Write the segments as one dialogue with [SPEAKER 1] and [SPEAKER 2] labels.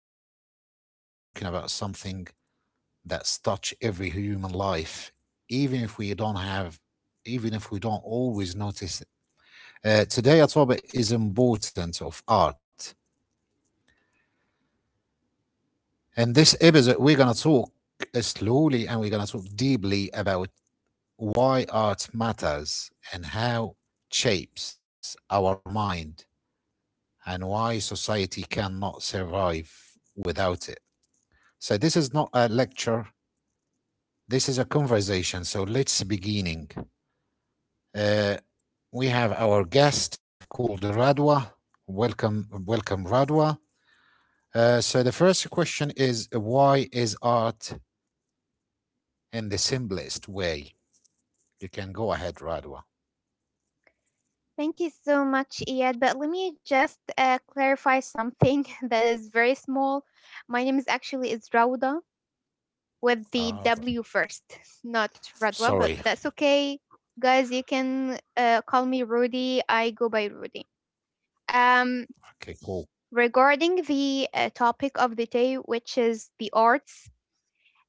[SPEAKER 1] and today we are talking about something that's touched every human life, even if we don't have, even if we don't always notice it. Today, our topic is important of art. In this episode, we're gonna talk slowly and we're gonna talk deeply about why art matters and how it shapes our mind and why society cannot survive without it. So this is not a lecture. This is a conversation. So let's beginning. Uh, we have our guest called Radwa. Welcome, welcome, Radwa. So the first question is why is art in the simplest way? You can go ahead, Radwa.
[SPEAKER 2] Thank you so much, Iyad. But let me just clarify something that is very small. My name is actually is Rauda with the
[SPEAKER 1] Ah, well,
[SPEAKER 2] W first, not Radwa, but
[SPEAKER 1] sorry.
[SPEAKER 2] that's okay, guys. You can call me Rudy. I go by Rudy. Um,
[SPEAKER 1] Okay, cool.
[SPEAKER 2] Regarding the topic of the day, which is the arts,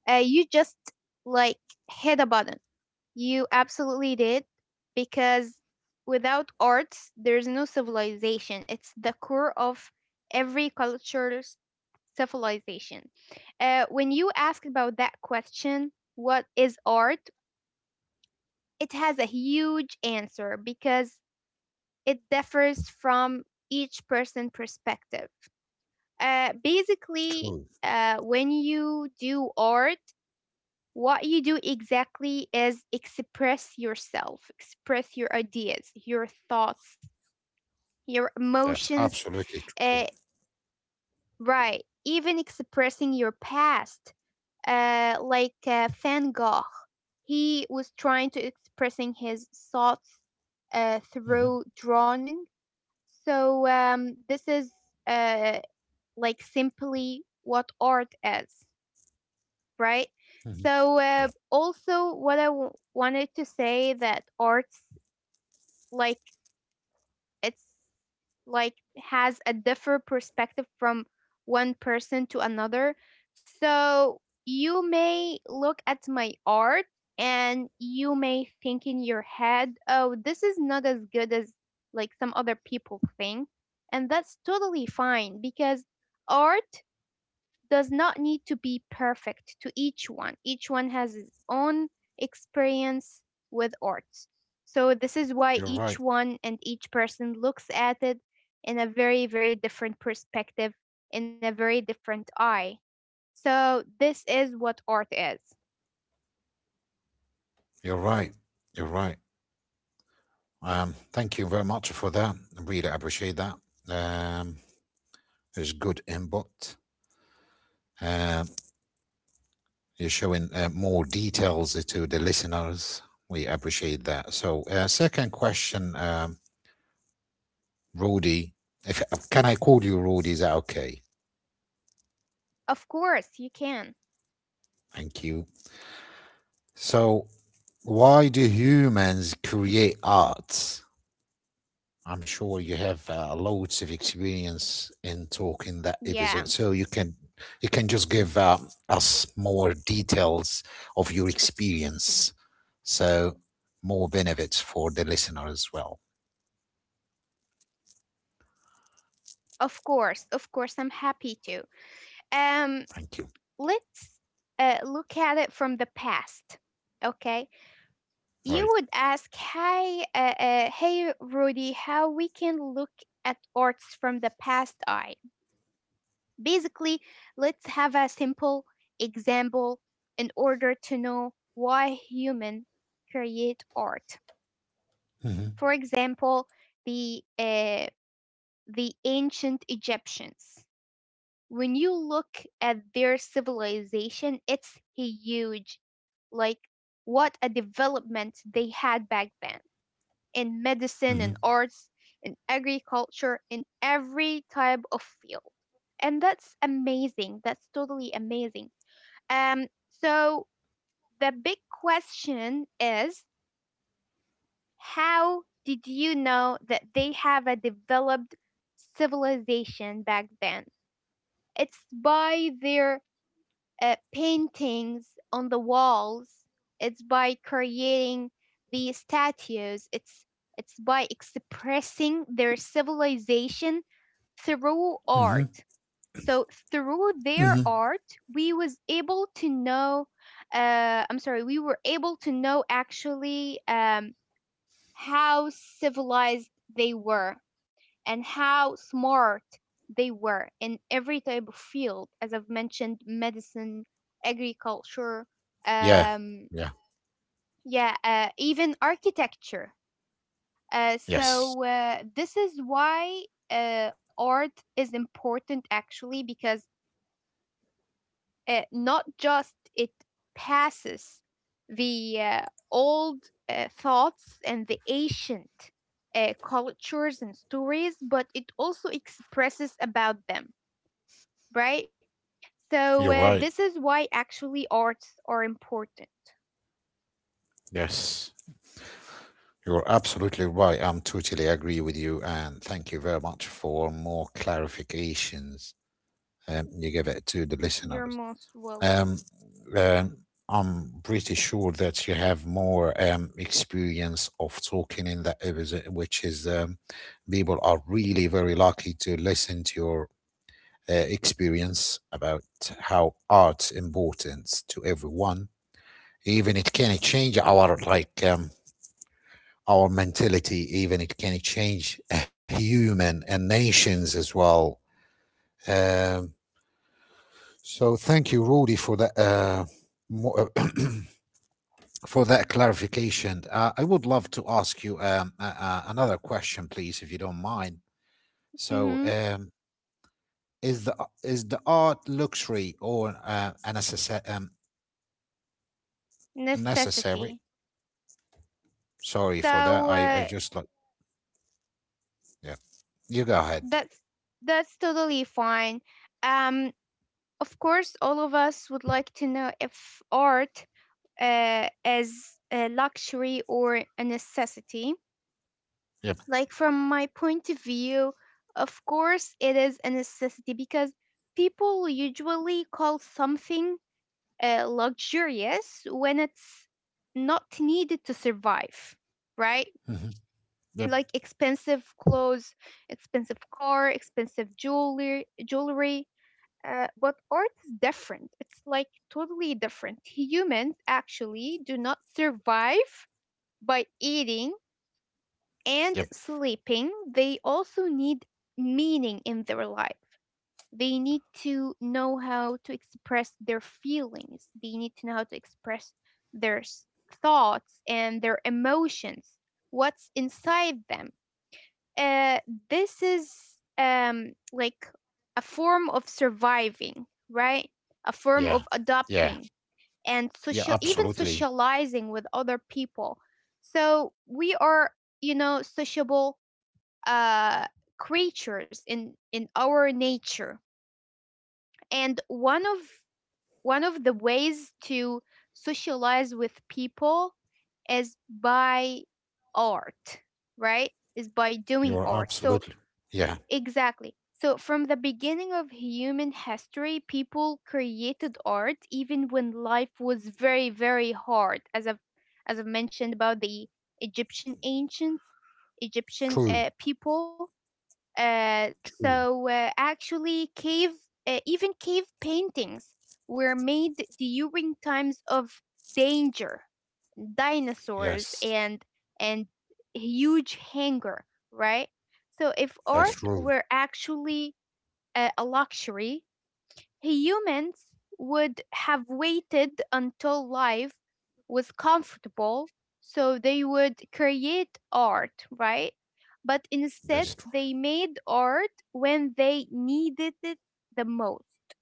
[SPEAKER 2] you just like hit a button. You absolutely did, because without arts, there's no civilization. It's the core of every culture's civilization. When you ask about that question, what is art? It has a huge answer because it differs from each person perspective.
[SPEAKER 1] True.
[SPEAKER 2] Basically, when you do art, what you do exactly is express yourself, express your ideas, your thoughts, your
[SPEAKER 1] That's
[SPEAKER 2] emotions.
[SPEAKER 1] absolutely true.
[SPEAKER 2] Uh, right, even expressing your past. Van Gogh, he was trying to expressing his thoughts
[SPEAKER 1] Mhm,
[SPEAKER 2] through drawing. This is uh, like simply what art is, right?
[SPEAKER 1] mhm.
[SPEAKER 2] So
[SPEAKER 1] Yeah,
[SPEAKER 2] also what wanted to say that arts like it's has a different perspective from one person to another. So you may look at my art and you may think in your head, oh, this is not as good as some other people think. And that's totally fine because art does not need to be perfect to each one. Each one has its own experience with art. So this is why
[SPEAKER 1] you're
[SPEAKER 2] each
[SPEAKER 1] right.
[SPEAKER 2] one and each person looks at it in a very, very different perspective, in a very different eye. So this is what art is.
[SPEAKER 1] You're right. You're right. Thank you very much for that. I really appreciate that. Um, is good input. Um, you're showing more details to the listeners. We appreciate that. So, second question, Rudy. If Can I call you Rudy? Is that okay?
[SPEAKER 2] Of course, you can.
[SPEAKER 1] Thank you. So, why do humans create arts? I'm sure you have loads of experience in talking that episode, so
[SPEAKER 2] Yeah,
[SPEAKER 1] you can just give us more details of your experience, so more benefits for the listener as well.
[SPEAKER 2] of course, I'm happy to. Um,
[SPEAKER 1] Thank you.
[SPEAKER 2] let's look at it from the past. Okay, you
[SPEAKER 1] Right.
[SPEAKER 2] would ask, "Hi, hey, Rudy, how we can look at arts from the past eye?" Basically, let's have a simple example in order to know why humans create art.
[SPEAKER 1] Mm-hmm.
[SPEAKER 2] For example, the uh, the ancient Egyptians. When you look at their civilization, it's huge. Like what a development they had back then in medicine,
[SPEAKER 1] Mm-hmm.
[SPEAKER 2] in arts, in agriculture, in every type of field, and that's amazing. That's totally amazing. Um, so the big question is, how did you know that they have a developed civilization back then? It's by their paintings on the walls. It's by creating the statues. It's by expressing their civilization through
[SPEAKER 1] Mm-hmm.
[SPEAKER 2] art. So through
[SPEAKER 1] Mm-hmm.
[SPEAKER 2] their art, we was able to know. I'm sorry, we were able to know actually. How civilized they were and how smart they were in every type of field, as I've mentioned, medicine, agriculture,
[SPEAKER 1] Yeah.
[SPEAKER 2] um,
[SPEAKER 1] Yeah.
[SPEAKER 2] yeah, even architecture.
[SPEAKER 1] Yes.
[SPEAKER 2] This is why art is important, actually, because not just it passes the old thoughts and the ancient cultures and stories, but it also expresses about them, right?
[SPEAKER 1] You're
[SPEAKER 2] So
[SPEAKER 1] right.
[SPEAKER 2] this is why actually arts are important.
[SPEAKER 1] Yes. You're absolutely right. I'm totally agree with you, and thank you very much for more clarifications you give it to the
[SPEAKER 2] You're
[SPEAKER 1] listeners.
[SPEAKER 2] most welcome.
[SPEAKER 1] Um, uh, I'm pretty sure that you have more experience of talking in that episode, which is people are really very lucky to listen to your experience about how art's important to everyone. Even it can change our like our mentality. Even it can change a human and nations as well. Um, so thank you, Rudy, for that. Mo- for that clarification. I would love to ask you another question, please, if you don't mind. So,
[SPEAKER 2] Hmm.
[SPEAKER 1] is the is the art luxury or a necessary?
[SPEAKER 2] Necessity.
[SPEAKER 1] Sorry for that.
[SPEAKER 2] So
[SPEAKER 1] I just like yeah. You go ahead.
[SPEAKER 2] that's that's totally fine. Um, of course, all of us would like to know if art is a luxury or a necessity.
[SPEAKER 1] Yep.
[SPEAKER 2] Like from my point of view, of course, it is a necessity because people usually call something luxurious when it's not needed to survive, right?
[SPEAKER 1] Hmm. Yep.
[SPEAKER 2] Like expensive clothes, expensive car, expensive jewelry, jewelry. But art is different. It's like totally different. Humans actually do not survive by eating and
[SPEAKER 1] Yep.
[SPEAKER 2] sleeping. They also need meaning in their life. They need to know how to express their feelings. They need to know how to express their s- thoughts and their emotions, what's inside them. uh, this is like a form of surviving, right? A
[SPEAKER 1] Yeah.
[SPEAKER 2] form of
[SPEAKER 1] Yeah.
[SPEAKER 2] adopting and
[SPEAKER 1] Yeah.
[SPEAKER 2] social, even
[SPEAKER 1] Absolutely.
[SPEAKER 2] socializing with other people. So we are, you know, sociable uh creatures in our nature, and one of the ways to socialize with people is by art, right? Is by doing
[SPEAKER 1] You're
[SPEAKER 2] art. So
[SPEAKER 1] absolutely. Yeah.
[SPEAKER 2] exactly, so from the beginning of human history, people created art even when life was very, very hard, as I've mentioned about the egyptian ancients egyptian
[SPEAKER 1] True.
[SPEAKER 2] uh, people.
[SPEAKER 1] True.
[SPEAKER 2] Actually, cave paintings were made during times of danger, dinosaurs,
[SPEAKER 1] Yes.
[SPEAKER 2] and huge hunger, right? So if
[SPEAKER 1] That's
[SPEAKER 2] art
[SPEAKER 1] true.
[SPEAKER 2] were actually a luxury, humans would have waited until life was comfortable so they would create art, right? But instead,
[SPEAKER 1] That's true.
[SPEAKER 2] they made art when they needed it the most,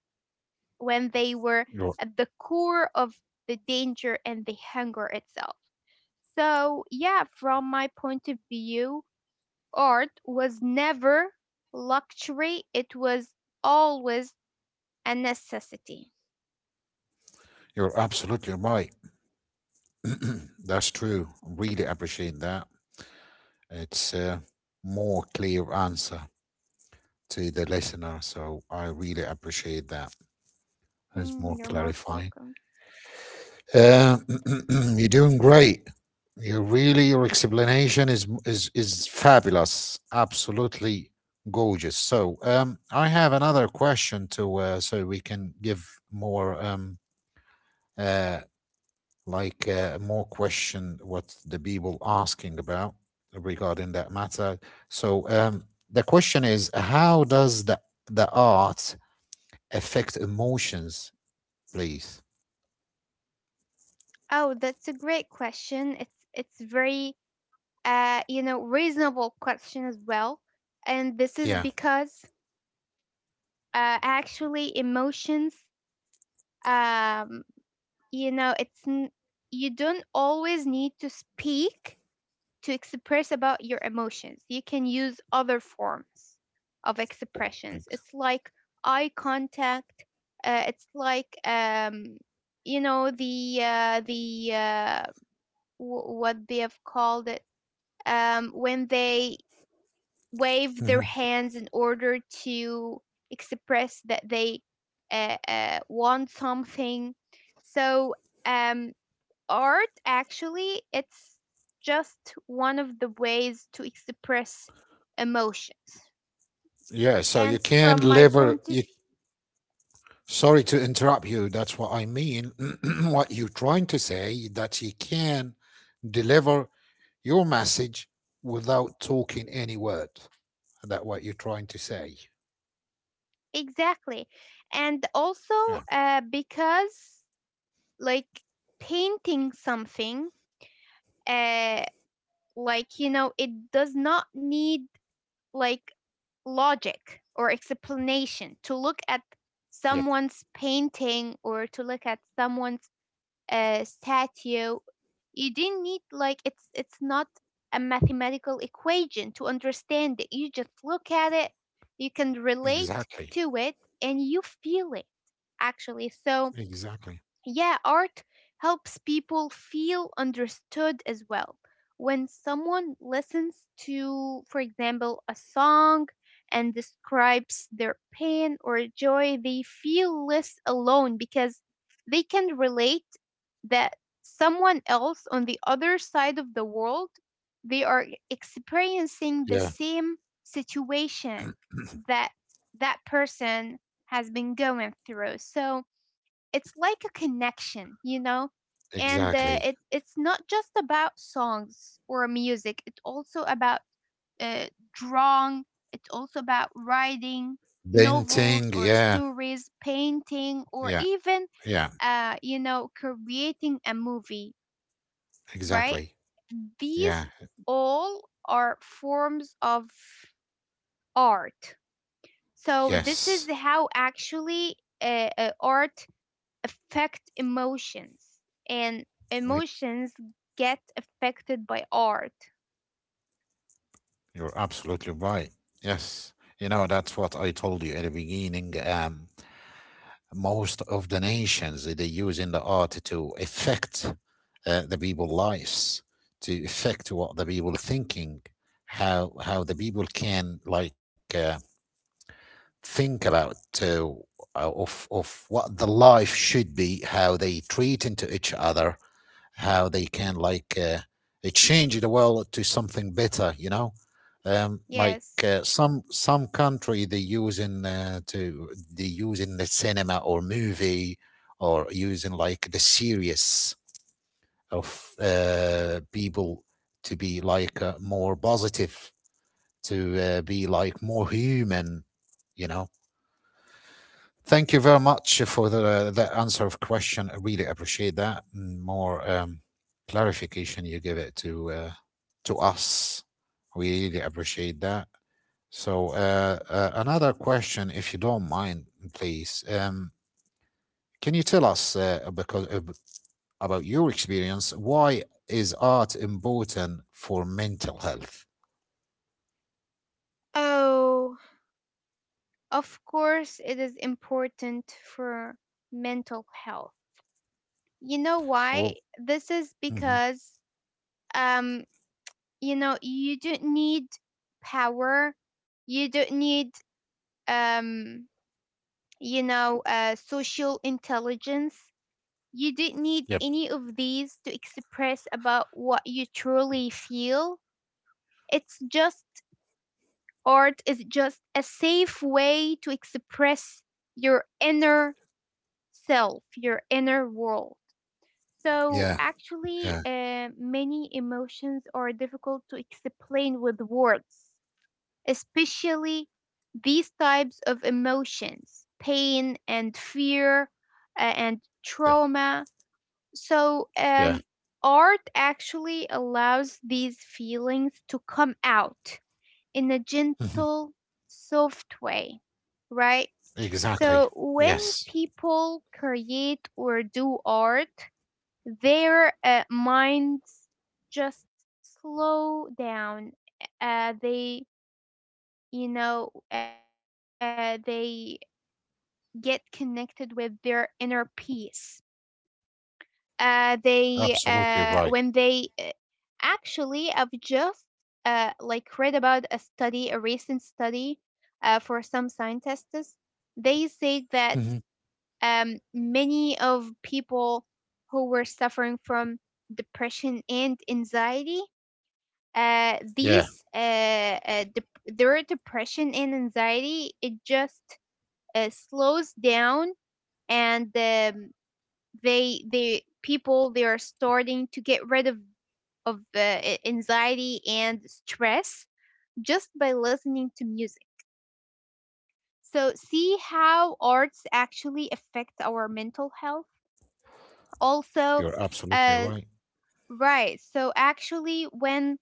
[SPEAKER 2] when they were
[SPEAKER 1] You're
[SPEAKER 2] at the core of the danger and the hunger itself. So, yeah, from my point of view, art was never luxury, it was always a necessity.
[SPEAKER 1] you're absolutely right. That's true. Really appreciate that. It's a more clear answer to the listener, so I really appreciate that. It's more
[SPEAKER 2] Mm, you're most
[SPEAKER 1] clarifying.
[SPEAKER 2] welcome.
[SPEAKER 1] Uh, you're doing great. You really, your explanation is fabulous. Absolutely gorgeous. So, I have another question to so we can give more uh like more question what the people asking about regarding that matter. So the question is, how does the art affect emotions, please?
[SPEAKER 2] Oh, that's a great question. It's very, you know, reasonable question as well, and this
[SPEAKER 1] Yeah.
[SPEAKER 2] is because actually emotions, um you know, you don't always need to speak to express about your emotions. You can use other forms of expressions.
[SPEAKER 1] ex-
[SPEAKER 2] It's like eye contact. It's like, you know, what they have called it, when they wave their
[SPEAKER 1] Mhm.
[SPEAKER 2] hands in order to express that they want something. So, um, art actually, it's just one of the ways to express emotions,
[SPEAKER 1] Yeah. So you
[SPEAKER 2] and
[SPEAKER 1] can
[SPEAKER 2] from my
[SPEAKER 1] lever.
[SPEAKER 2] point
[SPEAKER 1] You,
[SPEAKER 2] of view,
[SPEAKER 1] sorry to interrupt you. That's what I mean. what you're trying to say that you can deliver your message without talking any word. That what you're trying to say.
[SPEAKER 2] exactly. And
[SPEAKER 1] Yeah.
[SPEAKER 2] also because, like, painting something, uh, like, you know, it does not need, like, logic or explanation to look at
[SPEAKER 1] Yep.
[SPEAKER 2] someone's painting or to look at someone's statue. You didn't need like, it's not a mathematical equation to understand it. You just look at it, you can relate
[SPEAKER 1] Exactly.
[SPEAKER 2] to it, and you feel it actually. So
[SPEAKER 1] Exactly.
[SPEAKER 2] yeah, art helps people feel understood as well. When someone listens to, for example, a song and describes their pain or joy, they feel less alone because they can relate that someone else on the other side of the world, they are experiencing the
[SPEAKER 1] Yeah,
[SPEAKER 2] same situation that that person has been going through. So, it's like a connection, you know? And
[SPEAKER 1] exactly.
[SPEAKER 2] it's not just about songs or music. It's also about uh, drawing. It's also about writing
[SPEAKER 1] Venting.
[SPEAKER 2] novels or
[SPEAKER 1] Yeah,
[SPEAKER 2] stories, painting,
[SPEAKER 1] yeah,
[SPEAKER 2] or even,
[SPEAKER 1] yeah,
[SPEAKER 2] you know, creating a movie. Right?
[SPEAKER 1] exactly. Yeah,
[SPEAKER 2] These all are forms of art. So this
[SPEAKER 1] yes.
[SPEAKER 2] is how actually art affect emotions, and
[SPEAKER 1] Like,
[SPEAKER 2] emotions get affected by art.
[SPEAKER 1] you're absolutely right. Yes. You know, that's what I told you at the beginning. Most of the nations, they use in the art to affect the people's lives, to affect what the people thinking, how the people can like think about uh, uh, of what the life should be, how they treat into each other, how they can like change the world to something better. You know, like
[SPEAKER 2] Yes.
[SPEAKER 1] some country they using to they using the cinema or movie or using like the series of people to be like more positive, to be like more human. You know. Thank you very much for the answer of question. I really appreciate that. Mm, more clarification you give it to us. We really appreciate that. So another question, if you don't mind, please. Can you tell us because about your experience? Why is art important for mental health?
[SPEAKER 2] Oh, of course, it is important for mental health. You know
[SPEAKER 1] Oh,
[SPEAKER 2] why? This is
[SPEAKER 1] mhm.
[SPEAKER 2] because, um, you know, you don't need power, you don't need, um, you know, social intelligence. You didn't need
[SPEAKER 1] Yep.
[SPEAKER 2] any of these to express about what you truly feel. It's just, art is just a safe way to express your inner self, your inner world. So
[SPEAKER 1] Yeah.
[SPEAKER 2] actually,
[SPEAKER 1] Yeah.
[SPEAKER 2] many emotions are difficult to explain with words, especially these types of emotions, pain and fear, and
[SPEAKER 1] Yep.
[SPEAKER 2] trauma. So,
[SPEAKER 1] Yeah.
[SPEAKER 2] art actually allows these feelings to come out in a gentle, soft way, right?
[SPEAKER 1] Exactly.
[SPEAKER 2] So, when
[SPEAKER 1] Yes.
[SPEAKER 2] people create or do art, their minds just slow down. They, you know, they get connected with their inner peace. They
[SPEAKER 1] Absolutely
[SPEAKER 2] when
[SPEAKER 1] right.
[SPEAKER 2] they Actually, I've just like read about a study, a recent study for some scientists. They say
[SPEAKER 1] Hmm.
[SPEAKER 2] that many of people who were suffering from depression and anxiety,
[SPEAKER 1] Yeah,
[SPEAKER 2] these dep their depression and anxiety, it just slows down, and they people, they are starting to get rid of anxiety and stress just by listening to music. So, see how arts actually affect our mental health. Also,
[SPEAKER 1] you're absolutely
[SPEAKER 2] uh,
[SPEAKER 1] right.
[SPEAKER 2] right. So, actually, when,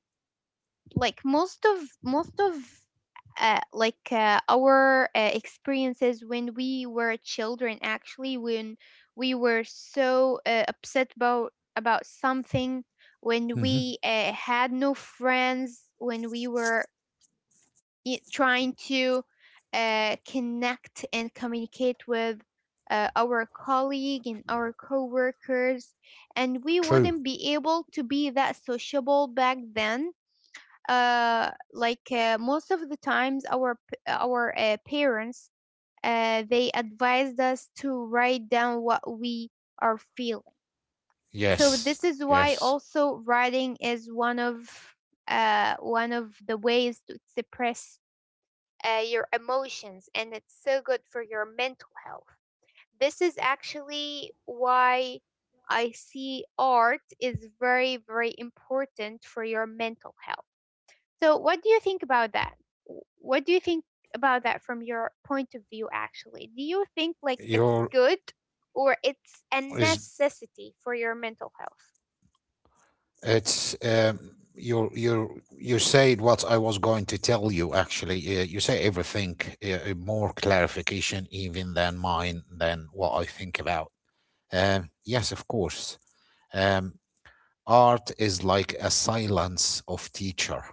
[SPEAKER 2] like, most of our experiences when we were children, actually when we were so upset about something, when
[SPEAKER 1] Hmm.
[SPEAKER 2] we had no friends, when we were trying to connect and communicate with our colleague and our coworkers, and we
[SPEAKER 1] True.
[SPEAKER 2] wouldn't be able to be that sociable back then. Most of the times, our parents, they advised us to write down what we are feeling. So
[SPEAKER 1] Yes.
[SPEAKER 2] this is why
[SPEAKER 1] Yes.
[SPEAKER 2] also writing is one of the ways to express your emotions, and it's so good for your mental health. This is actually why I see art is very, very important for your mental health. So, what do you think about that? What do you think about that from your point of view, actually? Do you think like
[SPEAKER 1] Your
[SPEAKER 2] it's good or it's a
[SPEAKER 1] is
[SPEAKER 2] necessity for your mental health?
[SPEAKER 1] it's your you said what I was going to tell you actually. You say everything more clarification even than mine than what I think about. Yes, of course. Um Art is like a silence of teacher,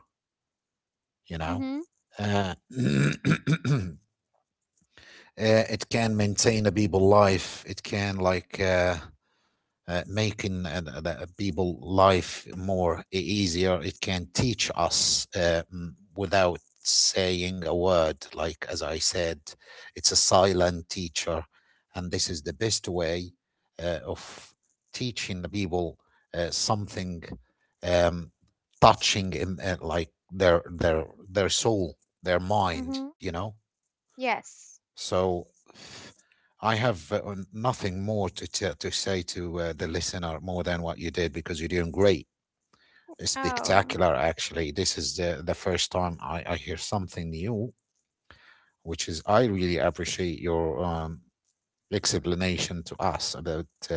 [SPEAKER 1] you know.
[SPEAKER 2] Mm-hmm.
[SPEAKER 1] Uh, it can maintain a people life it can like making a people life more easier it can teach us without saying a word like as I said it's a silent teacher and this is the best way of teaching the people something um, touching in, like their soul their mind you
[SPEAKER 2] Mm-hmm.
[SPEAKER 1] know
[SPEAKER 2] Yes.
[SPEAKER 1] so I have nothing more to, to say to the listener more than what you did because you're doing great.
[SPEAKER 2] Oh,
[SPEAKER 1] Spectacular, actually. This is the first time I hear something new, which is I really appreciate your explanation to us about uh,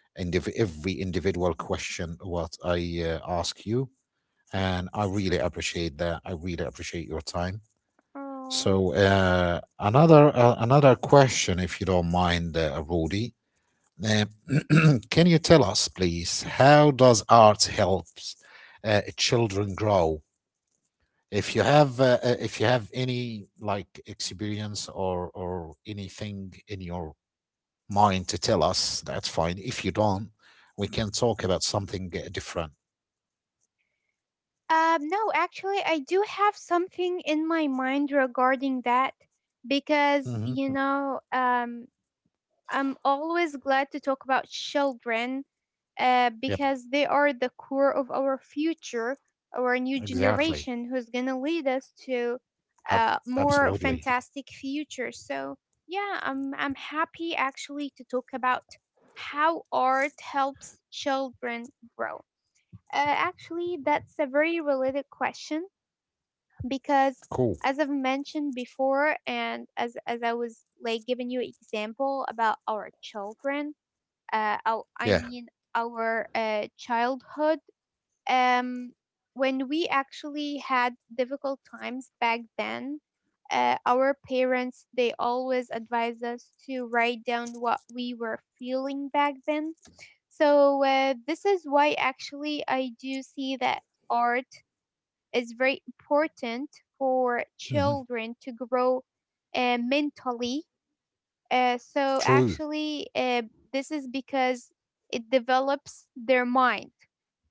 [SPEAKER 1] every individual question what I ask you. And I really appreciate that. I really appreciate your time.
[SPEAKER 2] oh.
[SPEAKER 1] So another question, if you don't mind, Rudy. Can you tell us, please, how does art helps children grow? If you have any like experience or anything in your mind to tell us, that's fine. If you don't, we can talk about something different.
[SPEAKER 2] No, actually, I do have something in my mind regarding that because,
[SPEAKER 1] Hmm.
[SPEAKER 2] you know, I'm always glad to talk about children
[SPEAKER 1] Yep,
[SPEAKER 2] because they are the core of our future, our new
[SPEAKER 1] exactly.
[SPEAKER 2] generation who's going to lead us to more
[SPEAKER 1] Absolutely.
[SPEAKER 2] fantastic future. So, yeah, I'm happy actually to talk about how art helps children grow. Uh, Actually, that's a very related question because,
[SPEAKER 1] Cool.
[SPEAKER 2] as I've mentioned before, and as I was like giving you example about our children, oh, I
[SPEAKER 1] Yeah.
[SPEAKER 2] mean our childhood. Um, when we actually had difficult times back then, our parents they always advised us to write down what we were feeling back then, so this is why actually I do see that art is very important for
[SPEAKER 1] Hmm.
[SPEAKER 2] children to grow mentally. Uh, so
[SPEAKER 1] True.
[SPEAKER 2] actually, uh, this is because it develops their mind.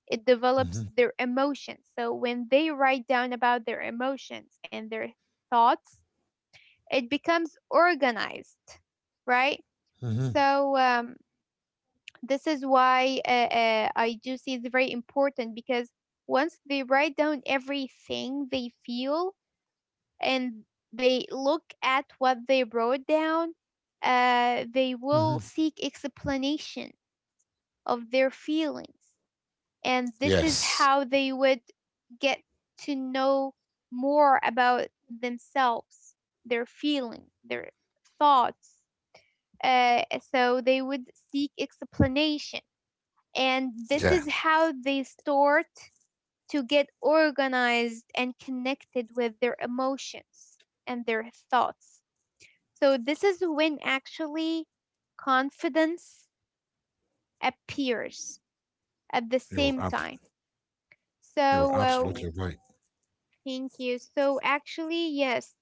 [SPEAKER 2] It develops
[SPEAKER 1] Hmm.
[SPEAKER 2] their emotions. So when they write down about their emotions and their thoughts, it becomes organized, right?
[SPEAKER 1] Hmm.
[SPEAKER 2] So this is why I do see it's very important because once they write down everything they feel and they look at what they wrote down, they
[SPEAKER 1] Hmm.
[SPEAKER 2] will seek explanation of their feelings. And this is
[SPEAKER 1] Yes.
[SPEAKER 2] how they would get to know more about themselves, their feelings, their thoughts. So they would seek explanation. And this
[SPEAKER 1] Yeah.
[SPEAKER 2] is how they start to get organized and connected with their emotions and their thoughts. So, this is when actually confidence appears at the
[SPEAKER 1] You're
[SPEAKER 2] same
[SPEAKER 1] ab-
[SPEAKER 2] time.
[SPEAKER 1] You're
[SPEAKER 2] So,
[SPEAKER 1] absolutely
[SPEAKER 2] uh,
[SPEAKER 1] right.
[SPEAKER 2] thank you. So, actually, yes,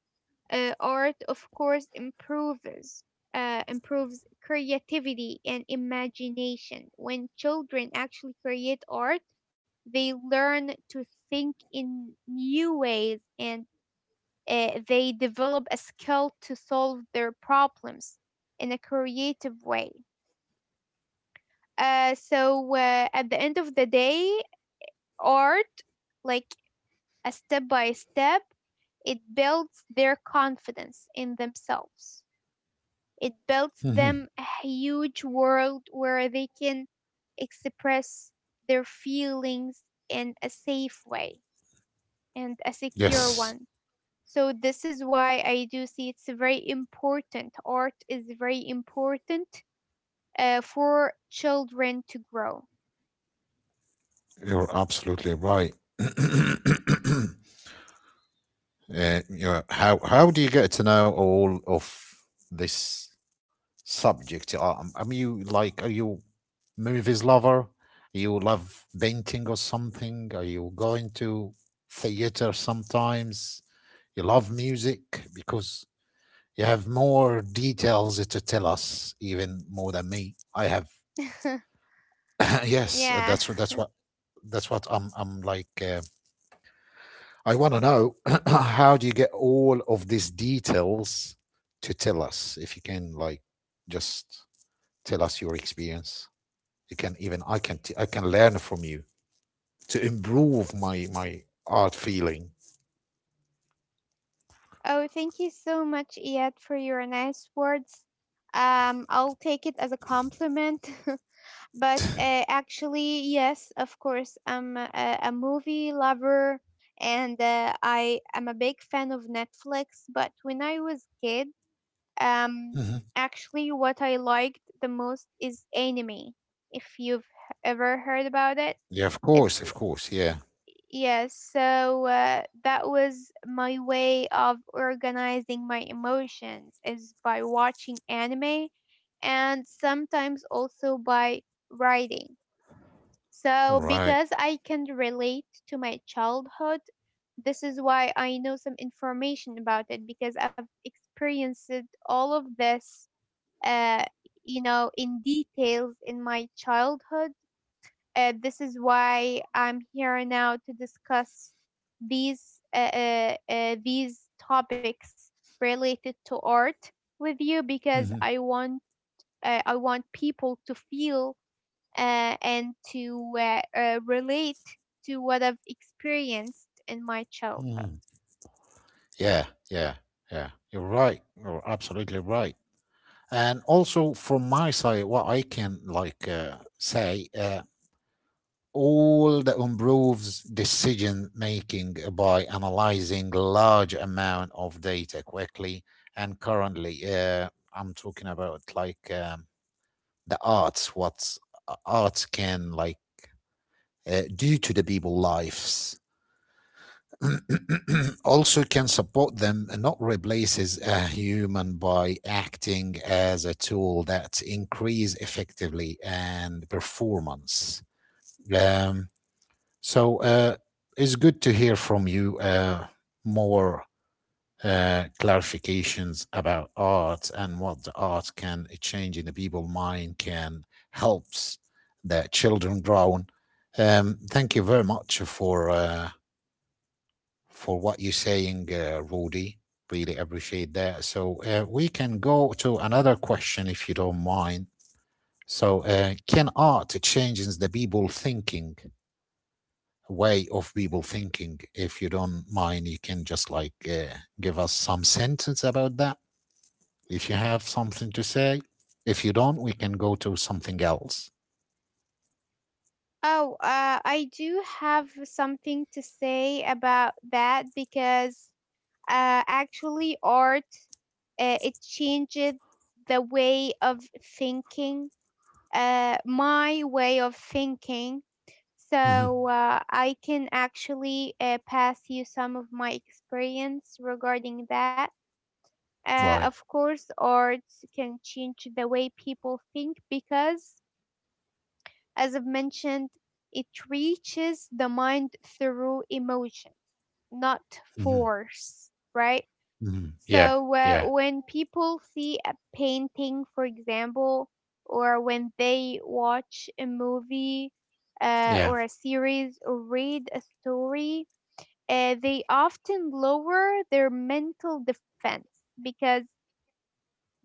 [SPEAKER 2] art, of course, improves improves creativity and imagination. When children actually create art, they learn to think in new ways and they develop a skill to solve their problems in a creative way. So, at the end of the day, art, like a step by step, it builds their confidence in themselves. It
[SPEAKER 1] Hmm.
[SPEAKER 2] builds them a huge world where they can express their feelings in a safe way and a secure
[SPEAKER 1] Yes.
[SPEAKER 2] one. So this is why I do see it's very important. Art is very important for children to grow.
[SPEAKER 1] You're absolutely right. uh, yeah. How do you get to know all of this subject? Are you movies lover? You love painting or something? Are you going to theater sometimes? You love music because you have more details to tell us, even more than me. I have yes,
[SPEAKER 2] Yeah.
[SPEAKER 1] that's what I'm like I want to know how do you get all of these details to tell us if you can like just tell us your experience. You can even I can learn from you to improve my art feeling.
[SPEAKER 2] Oh, thank you so much, Iyad, for your nice words. I'll take it as a compliment. But actually, yes, of course, I'm a movie lover and I am a big fan of Netflix. But when I was kid,
[SPEAKER 1] Hmm.
[SPEAKER 2] Um, actually, what I liked the most is anime. If you've ever heard about it,
[SPEAKER 1] Yeah, of
[SPEAKER 2] it's
[SPEAKER 1] course, of course. Yeah.
[SPEAKER 2] yes. So that was my way of organizing my emotions is by watching anime, and sometimes also by writing. So
[SPEAKER 1] Alright.
[SPEAKER 2] because I can relate to my childhood, this is why I know some information about it because I've experienced all of this uh, in details in my childhood. This is why I'm here now to discuss these topics related to art with you because I want people to feel and to relate to what I've experienced in my childhood.
[SPEAKER 1] Mm-hmm. Yeah, yeah, yeah. You're right. You're absolutely right. And also from my side, what I can like say, all the improves decision making by analyzing large amount of data quickly. And currently, I'm talking about like the arts, what arts can like do to the people lives also can support them and not replaces a human by acting as a tool that increase effectively and performance. Um, so uh, it's good to hear from you more clarifications about art and what the art can change in the people mind can helps the children grow. Thank you very much for what you're saying, Rudy. Really appreciate that. So we can go to another question if you don't mind. So, can art changes the people thinking way of people thinking? If you don't mind, you can just like give us some sentence about that. If you have something to say, if you don't, we can go to something else.
[SPEAKER 2] Oh, I do have something to say about that because actually art it changed the way of thinking my way of thinking,
[SPEAKER 1] Hmm.
[SPEAKER 2] so I can actually pass you some of my experience regarding that. Of
[SPEAKER 1] Right.
[SPEAKER 2] course art can change the way people think because as I've mentioned, it reaches the mind through emotions, not
[SPEAKER 1] Hmm.
[SPEAKER 2] force, right?
[SPEAKER 1] Hmm. Yeah.
[SPEAKER 2] So,
[SPEAKER 1] Yeah.
[SPEAKER 2] when people see a painting, for example, or when they watch a movie or a
[SPEAKER 1] Yeah.
[SPEAKER 2] series or read a story, they often lower their mental defense because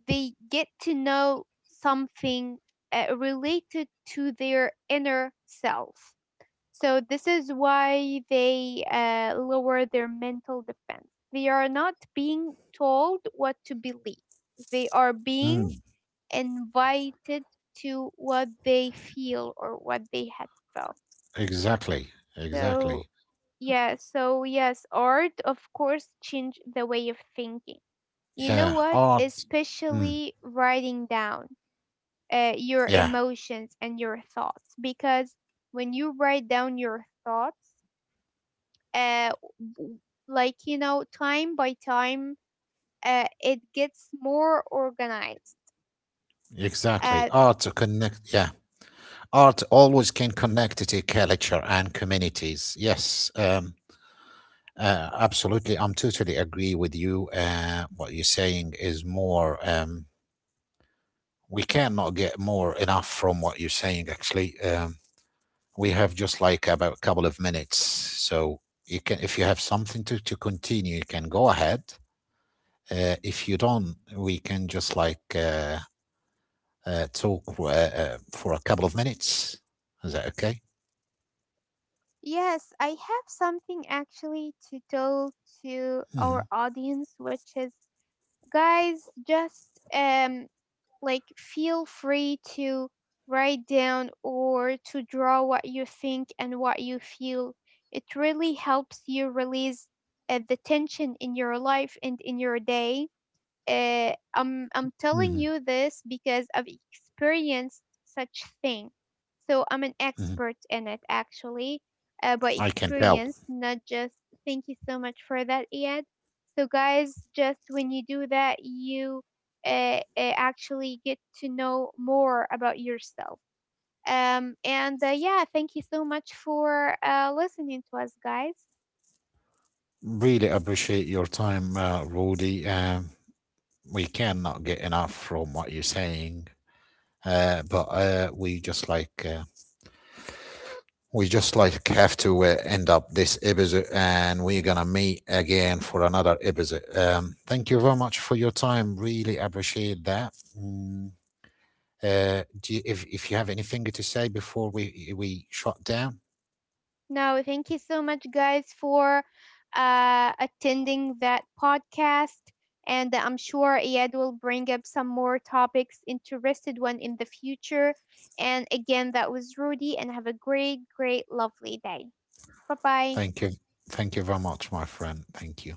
[SPEAKER 2] they get to know something related to their inner self. So this is why they lower their mental defense. They are not being told what to believe. They are being
[SPEAKER 1] Mm.
[SPEAKER 2] invited to what they feel or what they had felt.
[SPEAKER 1] Exactly.
[SPEAKER 2] So
[SPEAKER 1] Exactly.
[SPEAKER 2] yeah, so yes, art of course change the way of thinking. You know
[SPEAKER 1] Yeah.
[SPEAKER 2] what?
[SPEAKER 1] Art. Mm.
[SPEAKER 2] Especially writing down your
[SPEAKER 1] Yeah,
[SPEAKER 2] emotions and your thoughts, because when you write down your thoughts, uh, w- like you know, time by time, it gets more organized.
[SPEAKER 1] exactly.
[SPEAKER 2] uh,
[SPEAKER 1] Art to connect. Yeah, art always can connect to culture and communities. Yes, absolutely. I'm totally agree with you. What you're saying is more. We cannot get more enough from what you're saying. Actually, we have just like about a couple of minutes, so you can if you have something to continue, you can go ahead. If you don't, we can just like. Talk for a couple of minutes. Is that okay?
[SPEAKER 2] yes, I have something actually to tell to
[SPEAKER 1] Mm-hmm.
[SPEAKER 2] our audience, which is, guys, just um like feel free to write down or to draw what you think and what you feel. It really helps you release the tension in your life and in your day. I'm
[SPEAKER 1] Mm-hmm.
[SPEAKER 2] telling you this because I've experienced such thing, so I'm an
[SPEAKER 1] Hmm.
[SPEAKER 2] expert in it actually, by
[SPEAKER 1] I can tell.
[SPEAKER 2] experience, not just. Thank you so much for that, Ed. So guys, just when you do that, you actually get to know more about yourself. And yeah, thank you so much for listening to us, guys.
[SPEAKER 1] Really appreciate your time, Rudy. We cannot get enough from what you're saying, but we just like have to end up this episode, and we're gonna meet again for another episode. Thank you very much for your time. Really appreciate that. Mm. Do you, if you have anything to say before we shut down.
[SPEAKER 2] No, thank you so much, guys, for attending that podcast. And I'm sure Iyad will bring up some more topics, interested one in the future. And again, that was Rudy, and have a great, great, lovely day. Bye bye.
[SPEAKER 1] Thank you. Thank you very much, my friend. Thank you.